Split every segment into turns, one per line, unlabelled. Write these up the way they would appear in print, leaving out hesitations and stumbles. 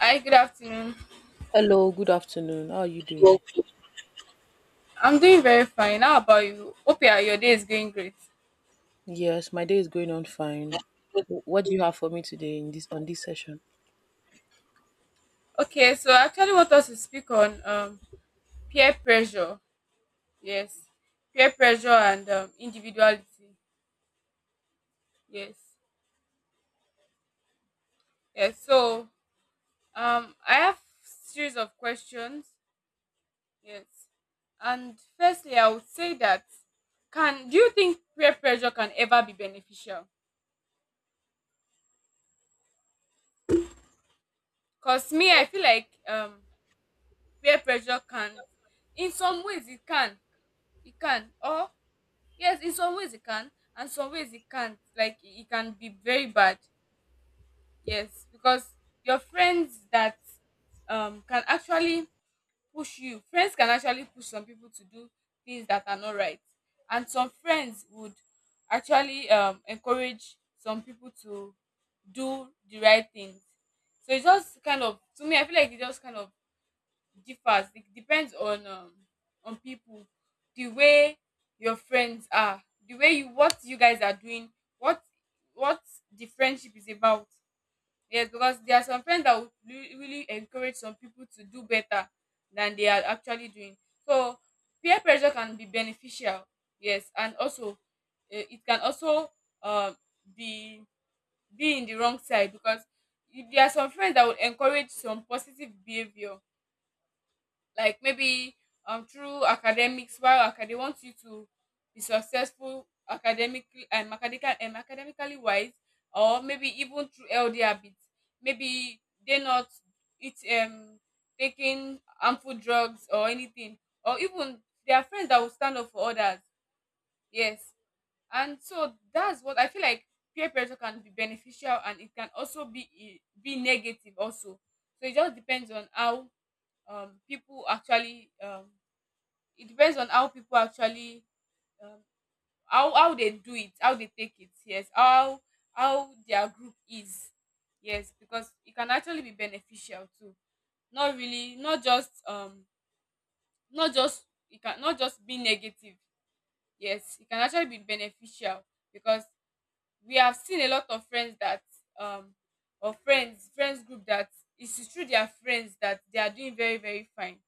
Hi, good afternoon.
Hello, good afternoon. How are you doing?
I'm doing very fine. How about you? Hope your day is going great.
Yes, my day is going on fine. What do you have for me today in this on this session?
Okay, so I actually want us to speak on peer pressure. Yes, peer pressure and individuality. Yes, yes. So I have series of questions. Yes, and firstly, I would say that can do you think peer pressure can ever be beneficial? Cause me, I feel like peer pressure can, in some ways, it can, or Yes, in some ways it can, and some ways it can't. Like it can be very bad. Yes, because your friends that can actually push you. Friends can actually push some people to do things that are not right, and some friends would actually encourage some people to do the right things. So it just kind of, to me, I feel like it just kind of differs. It depends on people, the way your friends are, the way you what you guys are doing, what what the friendship is about. Yes, because there are some friends that would really encourage some people to do better than they are actually doing. So peer pressure can be beneficial. Yes, and also it can also um be be in the wrong side. Because if there are some friends that would encourage some positive behavior like maybe through academics, while they want you to be successful academically, and academical and academically wise, or maybe even through healthy habits, maybe they're not it um taking harmful drugs or anything, or even there are friends that will stand up for others. Yes, and so that's what I feel like. Peer pressure can be beneficial, and it can also be be negative also. So it just depends on how people actually it depends on how people actually um, how they do it, how they take it. Yes, how their group is. Yes, because it can actually be beneficial too. Not really, not just not just, it can not just be negative. Yes, it can actually be beneficial, because we have seen a lot of friends that um or friends group, that it's through their friends that they are doing very very fine.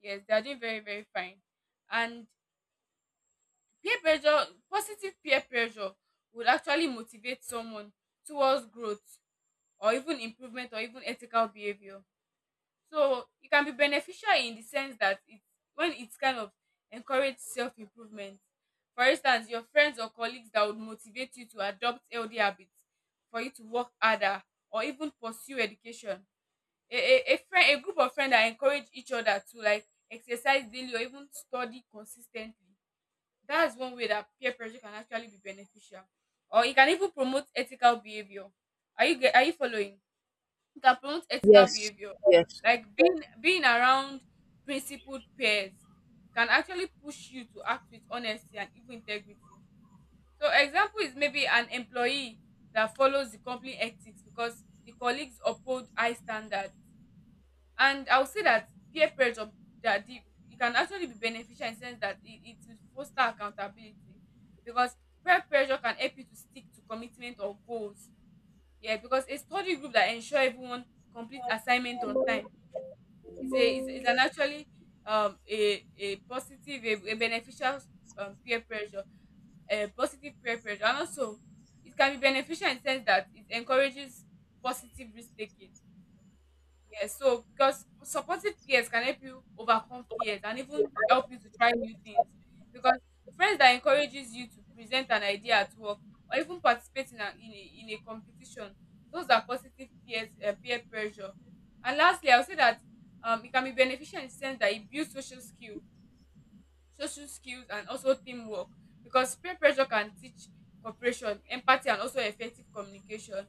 Yes, they are doing very very fine. And peer pressure, positive peer pressure, would actually motivate someone towards growth or even improvement or even ethical behavior. So it can be beneficial in the sense that it, when it kind of encourage self improvement. For instance, your friends or colleagues that would motivate you to adopt healthy habits, for you to work harder or even pursue education. A friend a group of friends that encourage each other to like exercise daily or even study consistently. That's one way that peer pressure can actually be beneficial. Or it can even promote ethical behavior. Are you following? It can promote ethical
Yes,
behavior.
yes.
Like being around principled peers can actually push you to act with honesty and even integrity. So example is maybe an employee that follows the company ethics because the colleagues uphold high standard. And I would say that peer pressure, that the, it can actually be beneficial in the sense that it will foster accountability, because peer pressure can help you to stick to commitment or goals. Yeah, because a study group that ensure everyone complete assignment on time is a is, is an actually a positive, a beneficial peer pressure, a positive peer pressure. And also, it can be beneficial in the sense that it encourages positive risk taking. Yes, so because supportive peers can help you overcome fears and even help you to try new things. Because friends that encourages you to present an idea at work or even participate in in a competition, those are positive peers, peer pressure. And lastly, I'll say that it can be beneficial in the sense that it builds social skill social skills and also teamwork, because peer pressure can teach cooperation, empathy and also effective communication,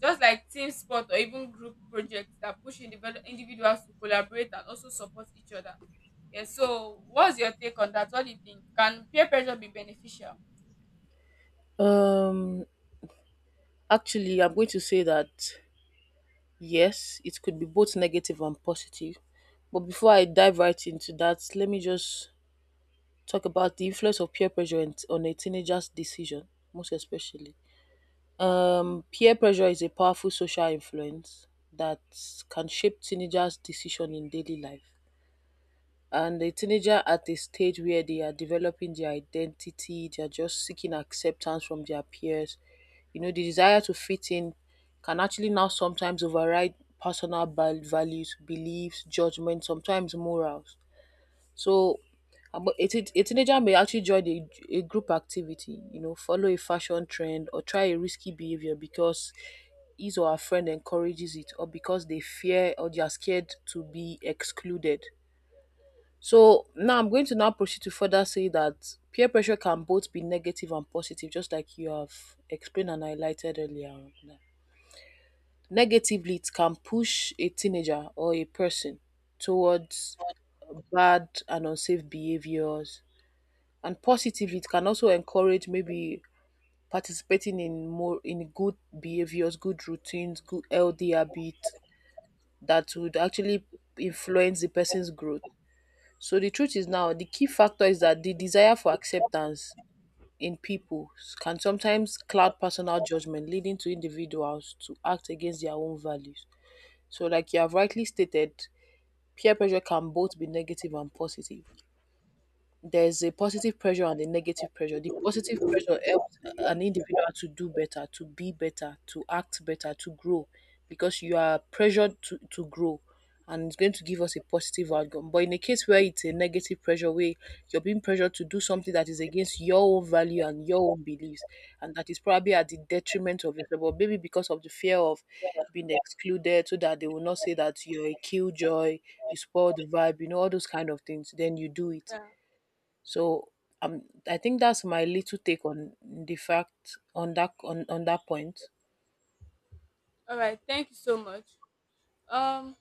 just like team sport or even group projects that push individuals to collaborate and also support each other. Yeah, so what's your take on that? What do you think? Can peer pressure be beneficial?
Um, Actually, I'm going to say that yes, it could be both negative and positive. But before I dive right into that, let me just talk about the influence of peer pressure on a teenager's decision, most especially. Peer pressure is a powerful social influence that can shape teenagers' decision in daily life. And a teenager at a stage where they are developing their identity, they are just seeking acceptance from their peers. You know, the desire to fit in can actually now sometimes override personal values, beliefs, judgment, sometimes morals. So, a teenager may actually join a group activity, you know, follow a fashion trend or try a risky behavior because his or her friend encourages it or because they fear or they are scared to be excluded. So now I'm going to now proceed to further say that peer pressure can both be negative and positive, just like you have explained and highlighted earlier. On. Negatively, it can push a teenager or a person towards bad and unsafe behaviors, and positively, it can also encourage maybe participating in more in good behaviors, good routines, good healthy habits that would actually influence the person's growth. So the truth is now the key factor is that the desire for acceptance in people can sometimes cloud personal judgment, leading to individuals to act against their own values. So, like you have rightly stated, peer pressure can both be negative and positive. There's a positive pressure and a negative pressure. The positive pressure helps an individual to do better, to be better, to act better, to grow, because you are pressured to grow, and it's going to give us a positive outcome. But in a case where it's a negative pressure, where you're being pressured to do something that is against your own value and your own beliefs, and that is probably at the detriment of it. But maybe because of the fear of being excluded, so that they will not say that you're a killjoy, you spoil the vibe, you know, all those kind of things, then you do it.
Yeah.
So um, I think that's my little take on the fact on that on that point.
All right, thank you so much. um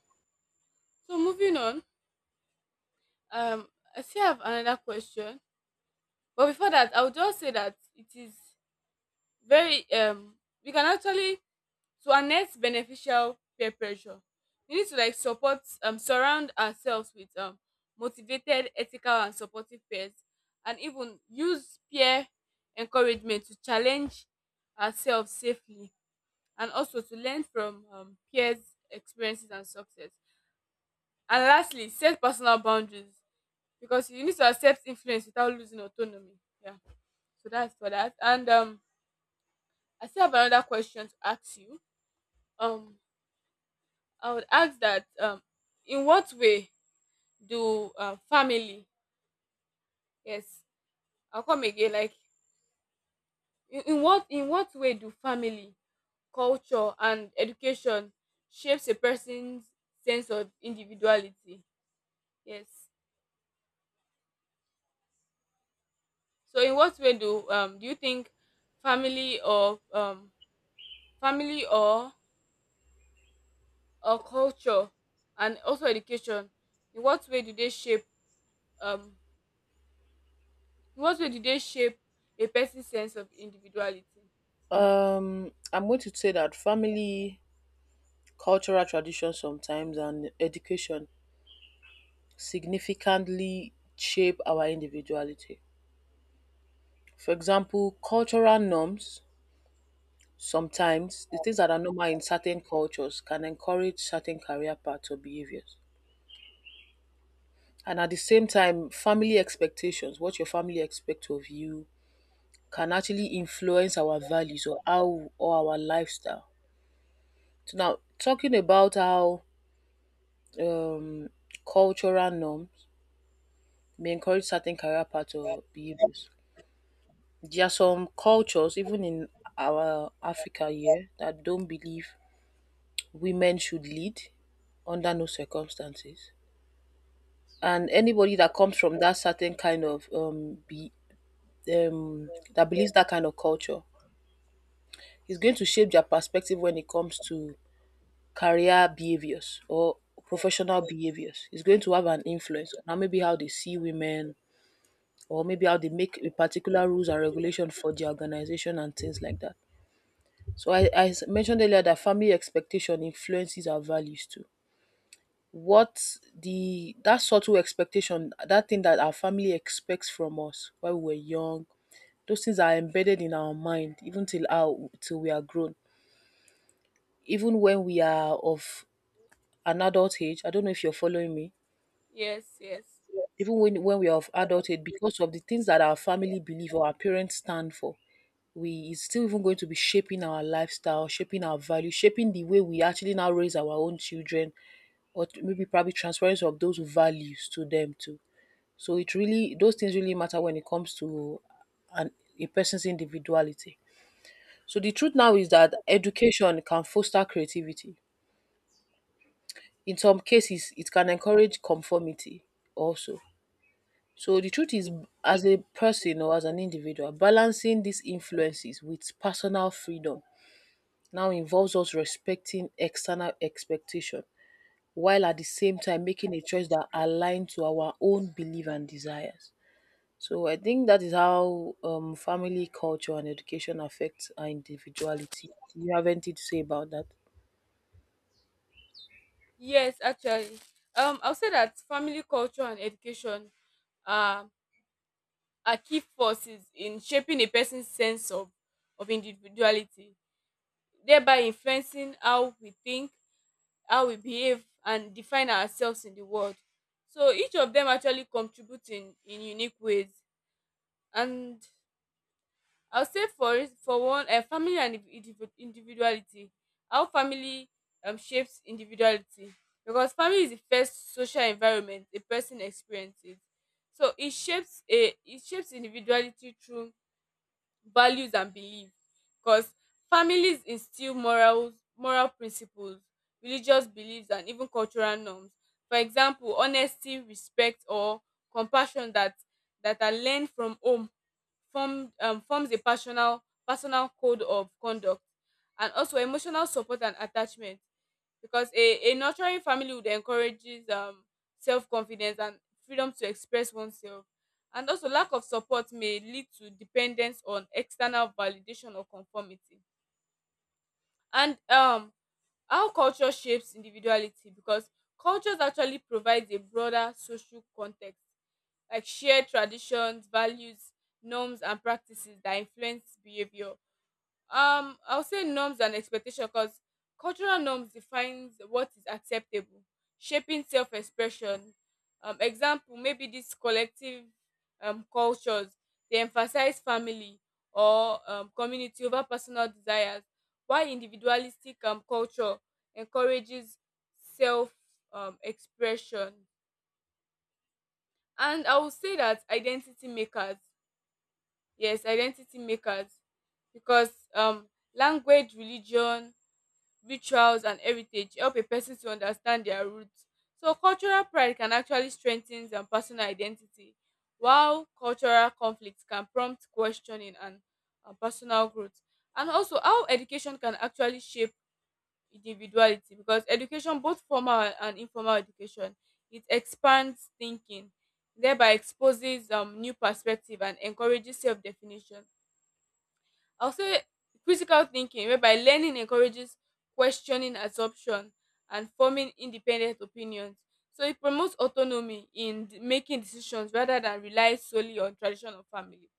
so moving on, um I still have another question. But before that, I would just say that it is very we can actually, to harness beneficial peer pressure, we need to like support surround ourselves with motivated, ethical and supportive peers, and even use peer encouragement to challenge ourselves safely, and also to learn from peers experiences and success, and lastly set personal boundaries, because you need to accept influence without losing autonomy. Yeah. So that's for that. And I still have another question to ask you. um I would ask that in what way do family? Yes, I'll come again. Like in what way do family, culture, and education shapes a person's sense of individuality? Yes. So in what way do do you think family or um family or culture and also education, in what way do they shape um in what way do they shape a person's sense of individuality?
I'm going to say that family, cultural traditions sometimes and education significantly shape our individuality. For example, cultural norms sometimes the things that are normal in certain cultures can encourage certain career paths or behaviors. And at the same time, family expectations, what your family expects of you, can actually influence our values or how or our lifestyle. So now talking about how um, cultural norms may encourage certain career paths or behaviors. There are some cultures, even in our Africa here, that don't believe women should lead under no circumstances. And anybody that comes from that certain kind of um that believes that kind of culture is going to shape their perspective when it comes to career behaviors or professional behaviors. Is going to have an influence on how maybe how they see women or maybe how they make a particular rules and regulation for their organization and things like that. So I mentioned earlier that family expectation influences our values too. What the that subtle expectation, that thing that our family expects from us while we were young, those things are embedded in our mind even till we are grown, even when we are of an adult age. I don't know if you're following me.
Yes, yes.
Even when we are of adulthood, because of the things that our family believe or our parents stand for, we it's still even going to be shaping our lifestyle, shaping our value, shaping the way we actually now raise our own children, or maybe probably transference of those values to them too. So it really those things really matter when it comes to an a person's individuality. So the truth now is that education can foster creativity. In some cases, it can encourage conformity also. So the truth is, as a person or as an individual, balancing these influences with personal freedom now involves us respecting external expectation while at the same time making a choice that aligns to our own belief and desires. So I think that is how family culture and education affects our individuality. Do you have anything to say about that?
Yes, actually. I'll say that family culture and education uh, are key forces in shaping a person's sense of individuality, thereby influencing how we think, how we behave, and define ourselves in the world. So each of them actually contribute in unique ways. And I'll say for one, family and individuality. How family shapes individuality, because family is the first social environment a person experiences. So it shapes a it shapes individuality through values and belief, because families instill morals, moral principles, religious beliefs, and even cultural norms. For example, honesty, respect, or compassion that that are learned from home forms a personal code of conduct, and also emotional support and attachment, because a nurturing family would encourages self-confidence and freedom to express oneself. And also lack of support may lead to dependence on external validation or conformity. And how culture shapes individuality, because cultures actually provides a broader social context, like share traditions, values, norms, and practices that influence behavior. I'll say norms and expectation, because cultural norms defines what is acceptable, shaping self-expression. Example, maybe these collective cultures, they emphasize family or community over personal desires, while individualistic culture encourages self expression. And I will say that identity makers. Yes, identity makers, because language, religion, rituals and heritage help a person to understand their roots. So cultural pride can actually strengthen personal identity, while cultural conflicts can prompt questioning and personal growth. And also how education can actually shape individuality, because education, both formal and informal education, it expands thinking, thereby exposes new perspective and encourages self-definition. I'll say critical thinking, whereby learning encourages questioning assumption and forming independent opinions. So it promotes autonomy in making decisions rather than rely solely on tradition or family.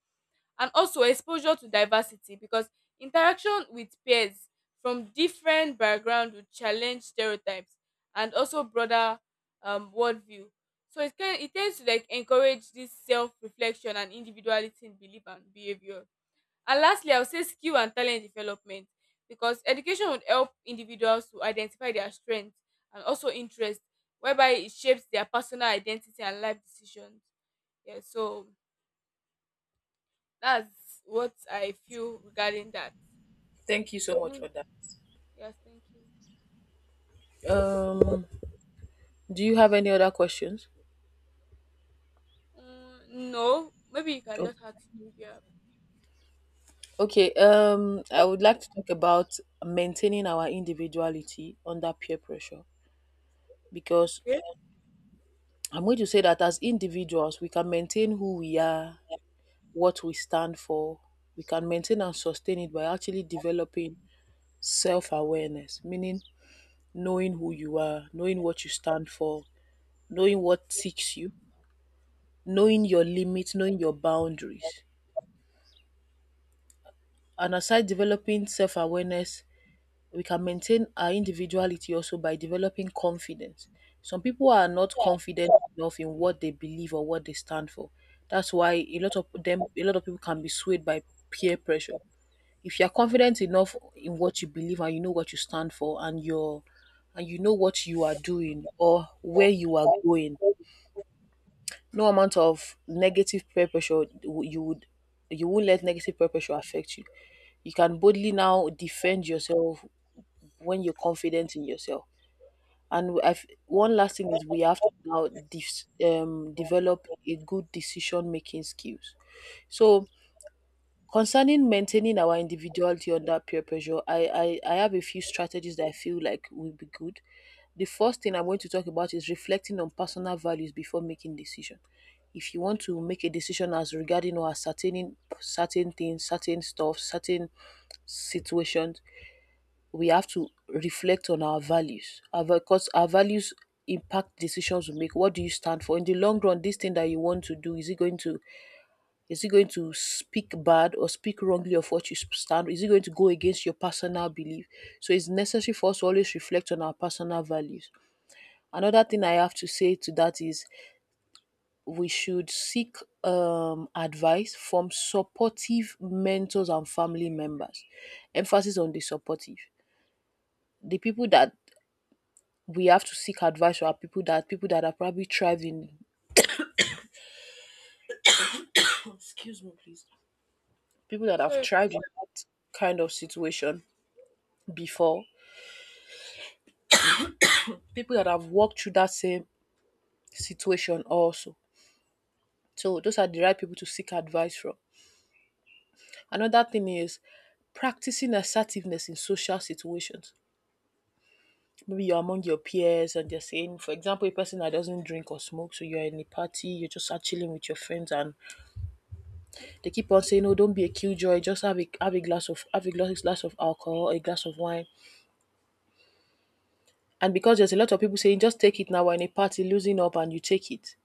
And also exposure to diversity, because interaction with peers from different backgrounds will challenge stereotypes and also broader worldview. So it can, it tends to like encourage this self-reflection and individuality in belief and behavior. And lastly, I would say skill and talent development, because education would help individuals to identify their strengths and also interests, whereby it shapes their personal identity and life decisions. Yeah, so that's what I feel regarding that.
Thank you so
So,
much
do-
for that.
yes, thank you.
Um, do you have any other questions?
Mm, no, maybe you can just ask me if you have.
Okay, I would like to talk about maintaining our individuality under peer pressure because
Okay.
I'm going to say that as individuals, we can maintain who we are, what we stand for. We can maintain and sustain it by actually developing self awareness, meaning knowing who you are, knowing what you stand for, knowing what ticks you, knowing your limits, knowing your boundaries. And aside developing self awareness, we can maintain our individuality also by developing confidence. Some people are not confident enough in what they believe or what they stand for. That's why a lot of them, a lot of people can be swayed by peer pressure. If you are confident enough in what you believe and you know what you stand for and you're and you know what you are doing or where you are going, no amount of negative peer pressure, you would you won't let negative peer pressure affect you. You can boldly now defend yourself when you're confident in yourself. And one last thing is we have to develop a good decision making skills. So concerning maintaining our individuality under peer pressure, I have a few strategies that I feel like will be good. The first thing I'm going to talk about is reflecting on personal values before making decision. If you want to make a decision as regarding or ascertaining certain things, certain stuff, certain situations, we have to reflect on our values because our values impact decisions we make. What do you stand for in the long run? This thing that you want to do, is it going to speak bad or speak wrongly of what you stand, is it going to go against your personal belief? So it's necessary for us to always reflect on our personal values. Another thing I have to say to that is we should seek advice from supportive mentors and family members, emphasis on the supportive. The people that we have to seek advice from our people that have probably thrived in Excuse me, please. People that have
Sorry.
thrived in that kind of situation before, people that have walked through that same situation also. So those are the right people to seek advice from. Another thing is practicing assertiveness in social situations. Maybe you're among your peers and they're saying, for example, a person that doesn't drink or smoke, so you're in a party, you're just chilling with your friends and they keep on saying, "Oh, don't be a killjoy. Just have a glass of have a glass, glass of alcohol, a glass of wine." And because there's a lot of people saying, "Just take it now." We're in a party, losing up, and you take it.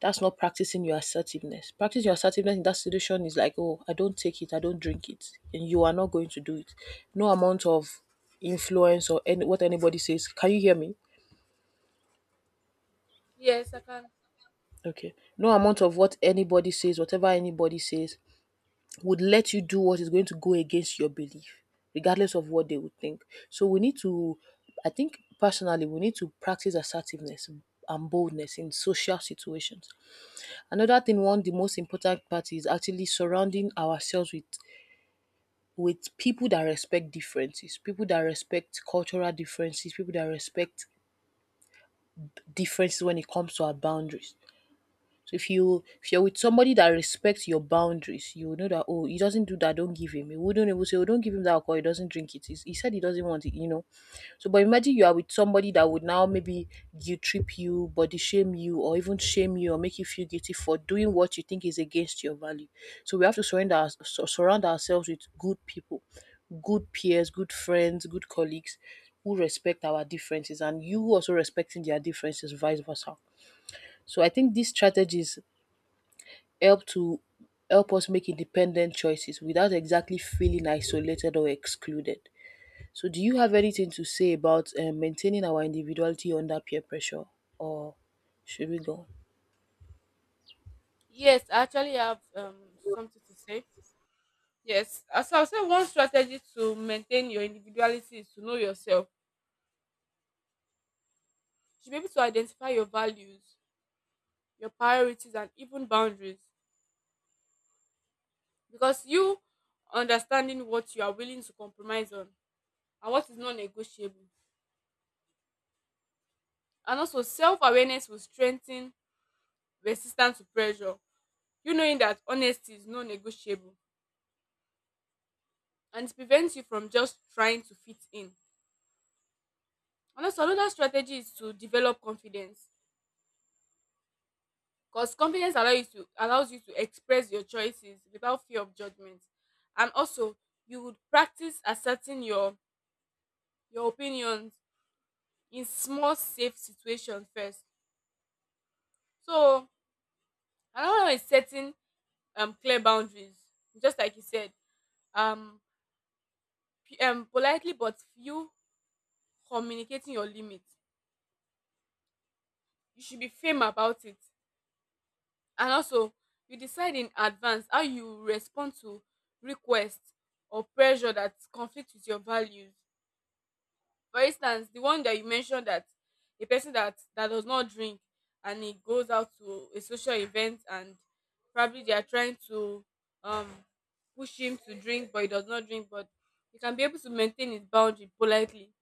That's not practicing your assertiveness. Practicing your assertiveness in that situation is like, "Oh, I don't take it. I don't drink it," and you are not going to do it. No amount of influence or any what anybody says. Can you hear me?
Yes, I can.
Okay. No amount of what anybody says, whatever anybody says, would let you do what is going to go against your belief, regardless of what they would think. So we need to, I think personally, we need to practice assertiveness and boldness in social situations. Another thing, one of the most important part is actually surrounding ourselves with people that respect differences, people that respect cultural differences, people that respect differences when it comes to our boundaries. So if you're with somebody that respects your boundaries, you will know that oh he doesn't do that, don't give him. He wouldn't even say oh don't give him that alcohol, he doesn't drink it. He said he doesn't want it, you know. So but imagine you are with somebody that would now maybe guilt trip you, body shame you, or even shame you or make you feel guilty for doing what you think is against your value. So we have to surround ourselves with good people, good peers, good friends, good colleagues who respect our differences and you also respecting their differences, vice versa. So I think these strategies help to help us make independent choices without exactly feeling isolated or excluded. So, do you have anything to say about maintaining our individuality under peer pressure, or should we go?
Yes, I actually have something to say. Yes, as I said, one strategy to maintain your individuality is to know yourself. You should be able to identify your values, your priorities, and even boundaries, because you understanding what you are willing to compromise on and what is non negotiable. And also, self awareness will strengthen resistance to pressure. You knowing that honesty is non negotiable, and it prevents you from just trying to fit in. And also, another strategy is to develop confidence, because confidence allows you to express your choices without fear of judgment. And also, you would practice asserting your opinions in small safe situations first. So another one is setting clear boundaries. Just like you said, um, politely but few communicating your limits. You should be firm about it. And also, you decide in advance how you respond to requests or pressure that conflict with your values. For instance, the one that you mentioned that a person that does not drink and he goes out to a social event and probably they are trying to um push him to drink but he does not drink but he can be able to maintain his boundary politely.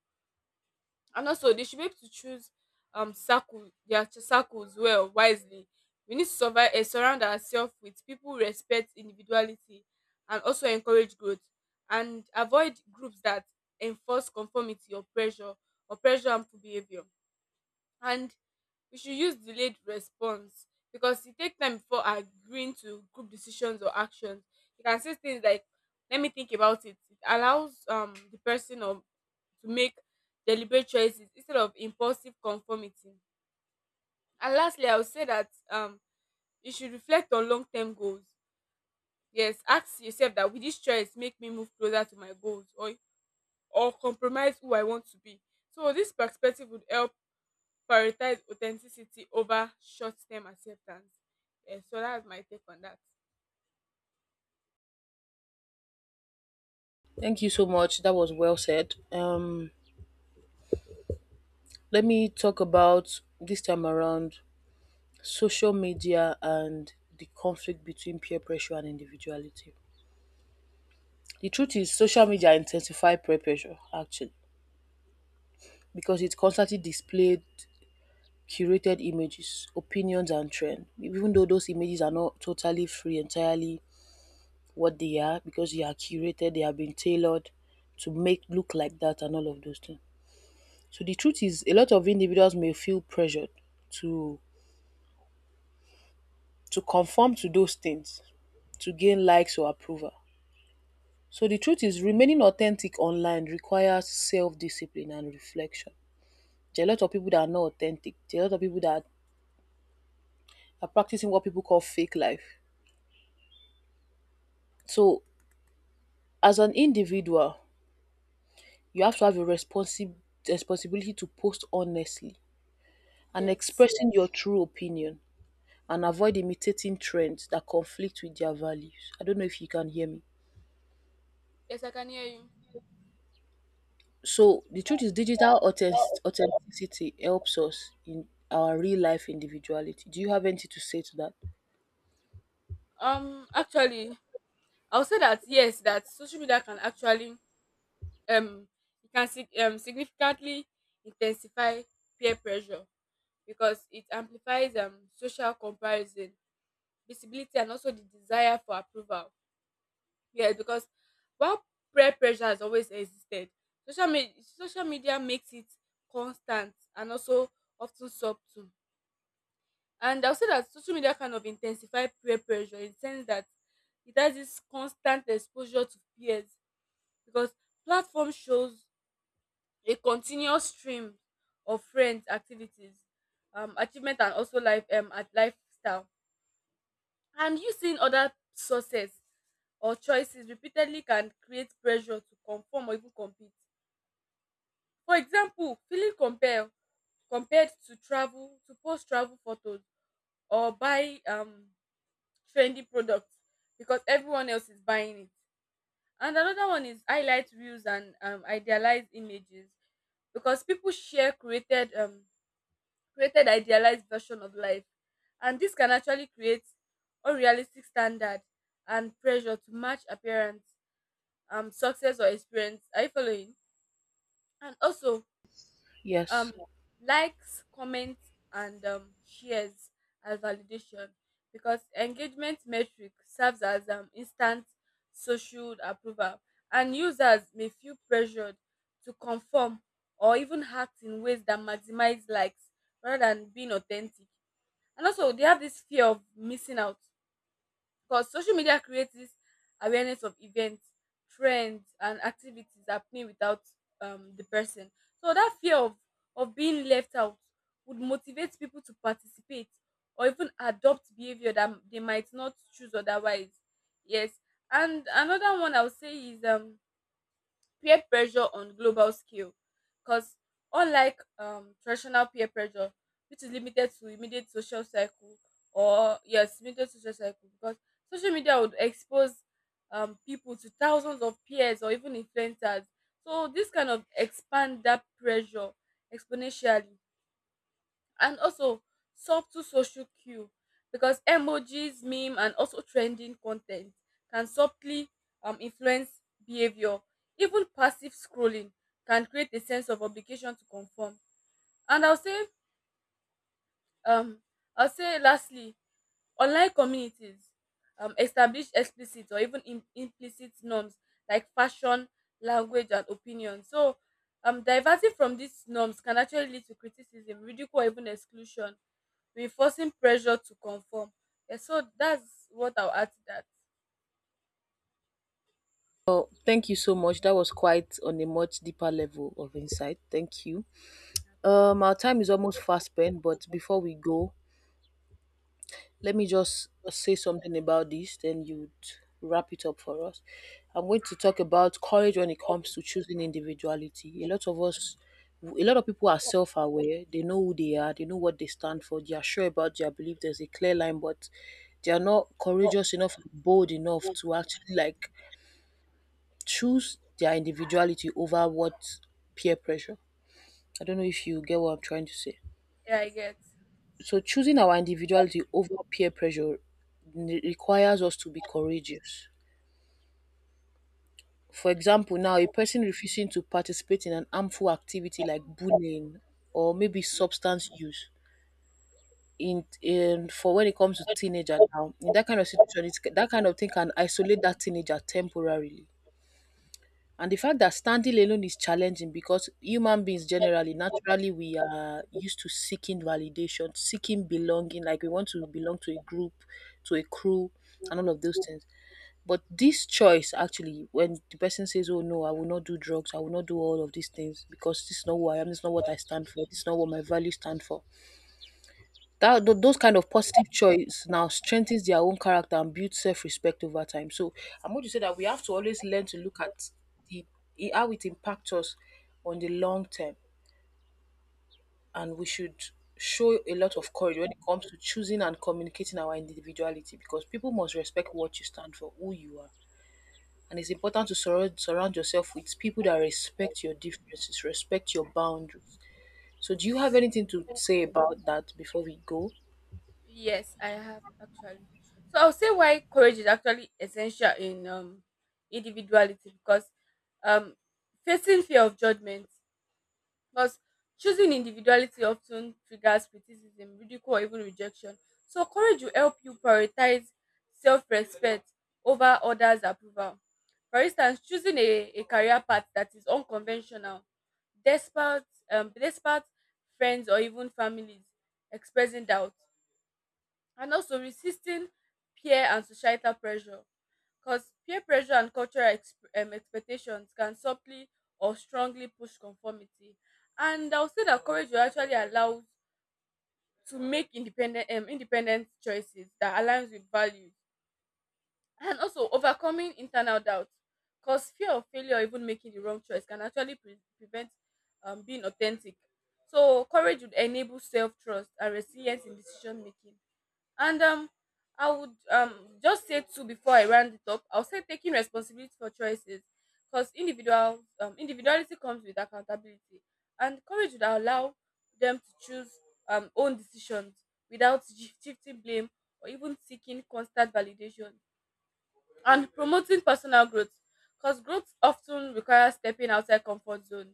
And also they should be able to choose circle their circles well wisely. We need to survive, surround ourselves with people who respect individuality and also encourage growth, and avoid groups that enforce conformity or pressure harmful behavior. And we should use delayed response because e take time before agreeing to group decisions or actions. You can say things like, let me think about it. It allows the person or to make deliberate choices instead of impulsive conformity. And lastly I would say that you should reflect on long-term goals. Yes, ask yourself that will this choice make me move closer to my goals or compromise who I want to be? So this perspective would help prioritize authenticity over short-term acceptance. Yeah, so that's my take on that.
Thank you so much. That was well said. Let me talk about this time around social media and the conflict between peer pressure and individuality. The truth is, social media intensify peer pressure actually because it constantly displayed curated images, opinions and trends. Even though those images are not totally free entirely what they are because they are curated, they have been tailored to make look like that and all of those things. So the truth is a lot of individuals may feel pressured to to conform to those things to gain likes or approval. So the truth is remaining authentic online requires self-discipline and reflection. There are a lot of people that are not authentic. There are a lot of people that are practicing what people call fake life. So as an individual, you have to have a responsibility to post honestly and
Yes,
expressing your true opinion and avoid imitating trends that conflict with their values. I don't know if you can hear me.
yes, I can hear you.
So the truth is digital authenticity helps us in our real life individuality. Do you have anything to say to that?
Actually, I would say that yes, that social media can actually um it can significantly intensify peer pressure because it amplifies social comparison, visibility, and also the desire for approval. Yes, because while peer pressure has always existed, social media makes it constant and also often subtle. And I'll say that social media kind of intensify peer pressure in the sense that it has this constant exposure to peers because platform shows a continuous stream of friends, activities, achievement, and also life at lifestyle. And using other sources or choices repeatedly can create pressure to conform or even compete. For example, feeling compelled compared to travel to post travel photos or buy trendy products because everyone else is buying it. And another one is highlight reels and idealized images because people share created created idealized version of life, and this can actually create unrealistic standard and pressure to match appearance, success or experience. Are you following? And also um
Yes.
likes, comments, and shares as validation because engagement metric serves as instant social approval, and users may feel pressured to conform or even act in ways that maximize likes rather than being authentic. And also, they have this fear of missing out because social media creates this awareness of events, trends, and activities happening without the person. So that fear of being left out would motivate people to participate or even adopt behavior that they might not choose otherwise. Yes, and another one I would say is peer pressure on global scale because unlike traditional peer pressure which is limited to immediate social circle, or yes limited social circle, because social media would expose people to thousands of peers or even influencers, so this kind of expand that pressure exponentially. And also subtle social cue because emojis, meme, and also trending content can subtly influence behavior. Even passive scrolling can create a sense of obligation to conform. And um, I'll say lastly, online communities establish explicit or even implicit norms like fashion, language, and opinion. So, diverting from these norms can actually lead to criticism, ridicule, or even exclusion, be forcing pressure to conform. Yeah, so that's what I'll add to that.
Well, thank you so much. That was quite on a much deeper level of insight. Thank you. Our time is almost fast spent, but before we go, let me just say something about this, then you'd wrap it up for us. I'm going to talk about courage when it comes to choosing individuality. A lot of us, a lot of people are self aware, they know who they are, they know what they stand for, they are sure about their belief, there's a clear line, but they are not courageous enough, bold enough to actually like choose their individuality over what peer pressure. I don't know if you get what I'm trying to say.
Yeah, I get.
So choosing our individuality over peer pressure requires us to be courageous. For example, now a person refusing to participate in an harmful activity like bullying or maybe substance use in for when it comes to teenager now in that kind of situation that kind of thing can isolate that teenager temporarily. And the fact that standing alone is challenging because human beings generally, naturally, we are used to seeking validation, seeking belonging. Like we want to belong to a group, to a crew, and all of those things. But this choice, actually, when the person says, "Oh no, I will not do drugs. I will not do all of these things because this is not who I am. This is not what I stand for. This is not what my values stand for," that those kind of positive choice now strengthens their own character and builds self-respect over time. So I'm going to say that we have to always learn to look at the how it impacts us on the long term, and we should show a lot of courage when it comes to choosing and communicating our individuality because people must respect what you stand for, who you are. And it's important to surround yourself with people that respect your differences, respect your boundaries. So do you have anything to say about that before we go?
Yes, I have actually. So I'll say why courage is actually essential in individuality because um facing fear of judgment. But choosing individuality often triggers criticism, ridicule, or even rejection. So, courage will help you prioritize self respect over others' approval. For instance, choosing a career path that is unconventional, despite, despite friends or even families expressing doubt, and also resisting peer and societal pressure because peer pressure and cultural expectations can subtly or strongly push conformity. And I'll say that courage will actually allow to make independent independent choices that aligns with values, and also overcoming internal doubt because fear of failure or even making the wrong choice can actually prevent being authentic. So courage would enable self-trust and resilience in decision making. And I would just say two before I round it up. I'll say taking responsibility for choices, because individual individuality comes with accountability, and courage would allow them to choose own decisions without shifting blame or even seeking constant validation, and promoting personal growth because growth often requires stepping outside comfort zone,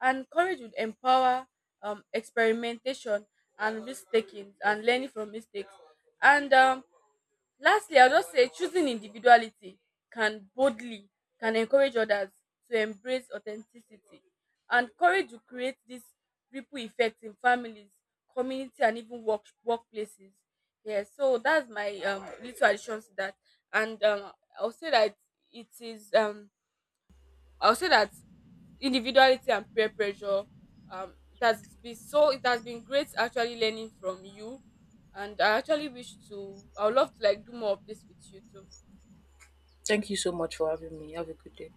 and courage would empower experimentation and risk taking and learning from mistakes. And Lastly, I'll just say choosing individuality can boldly can encourage others to embrace authenticity, and courage to create this ripple effect in families, community, and even workplaces. Yes, so that's my little additions to that, and I'll say that it is I'll say that individuality and peer pressure. It has been so. It has been great actually learning from you, and I actually wish to. I would love to like do more of this with you too.
Thank you so much for having me. Have a good day.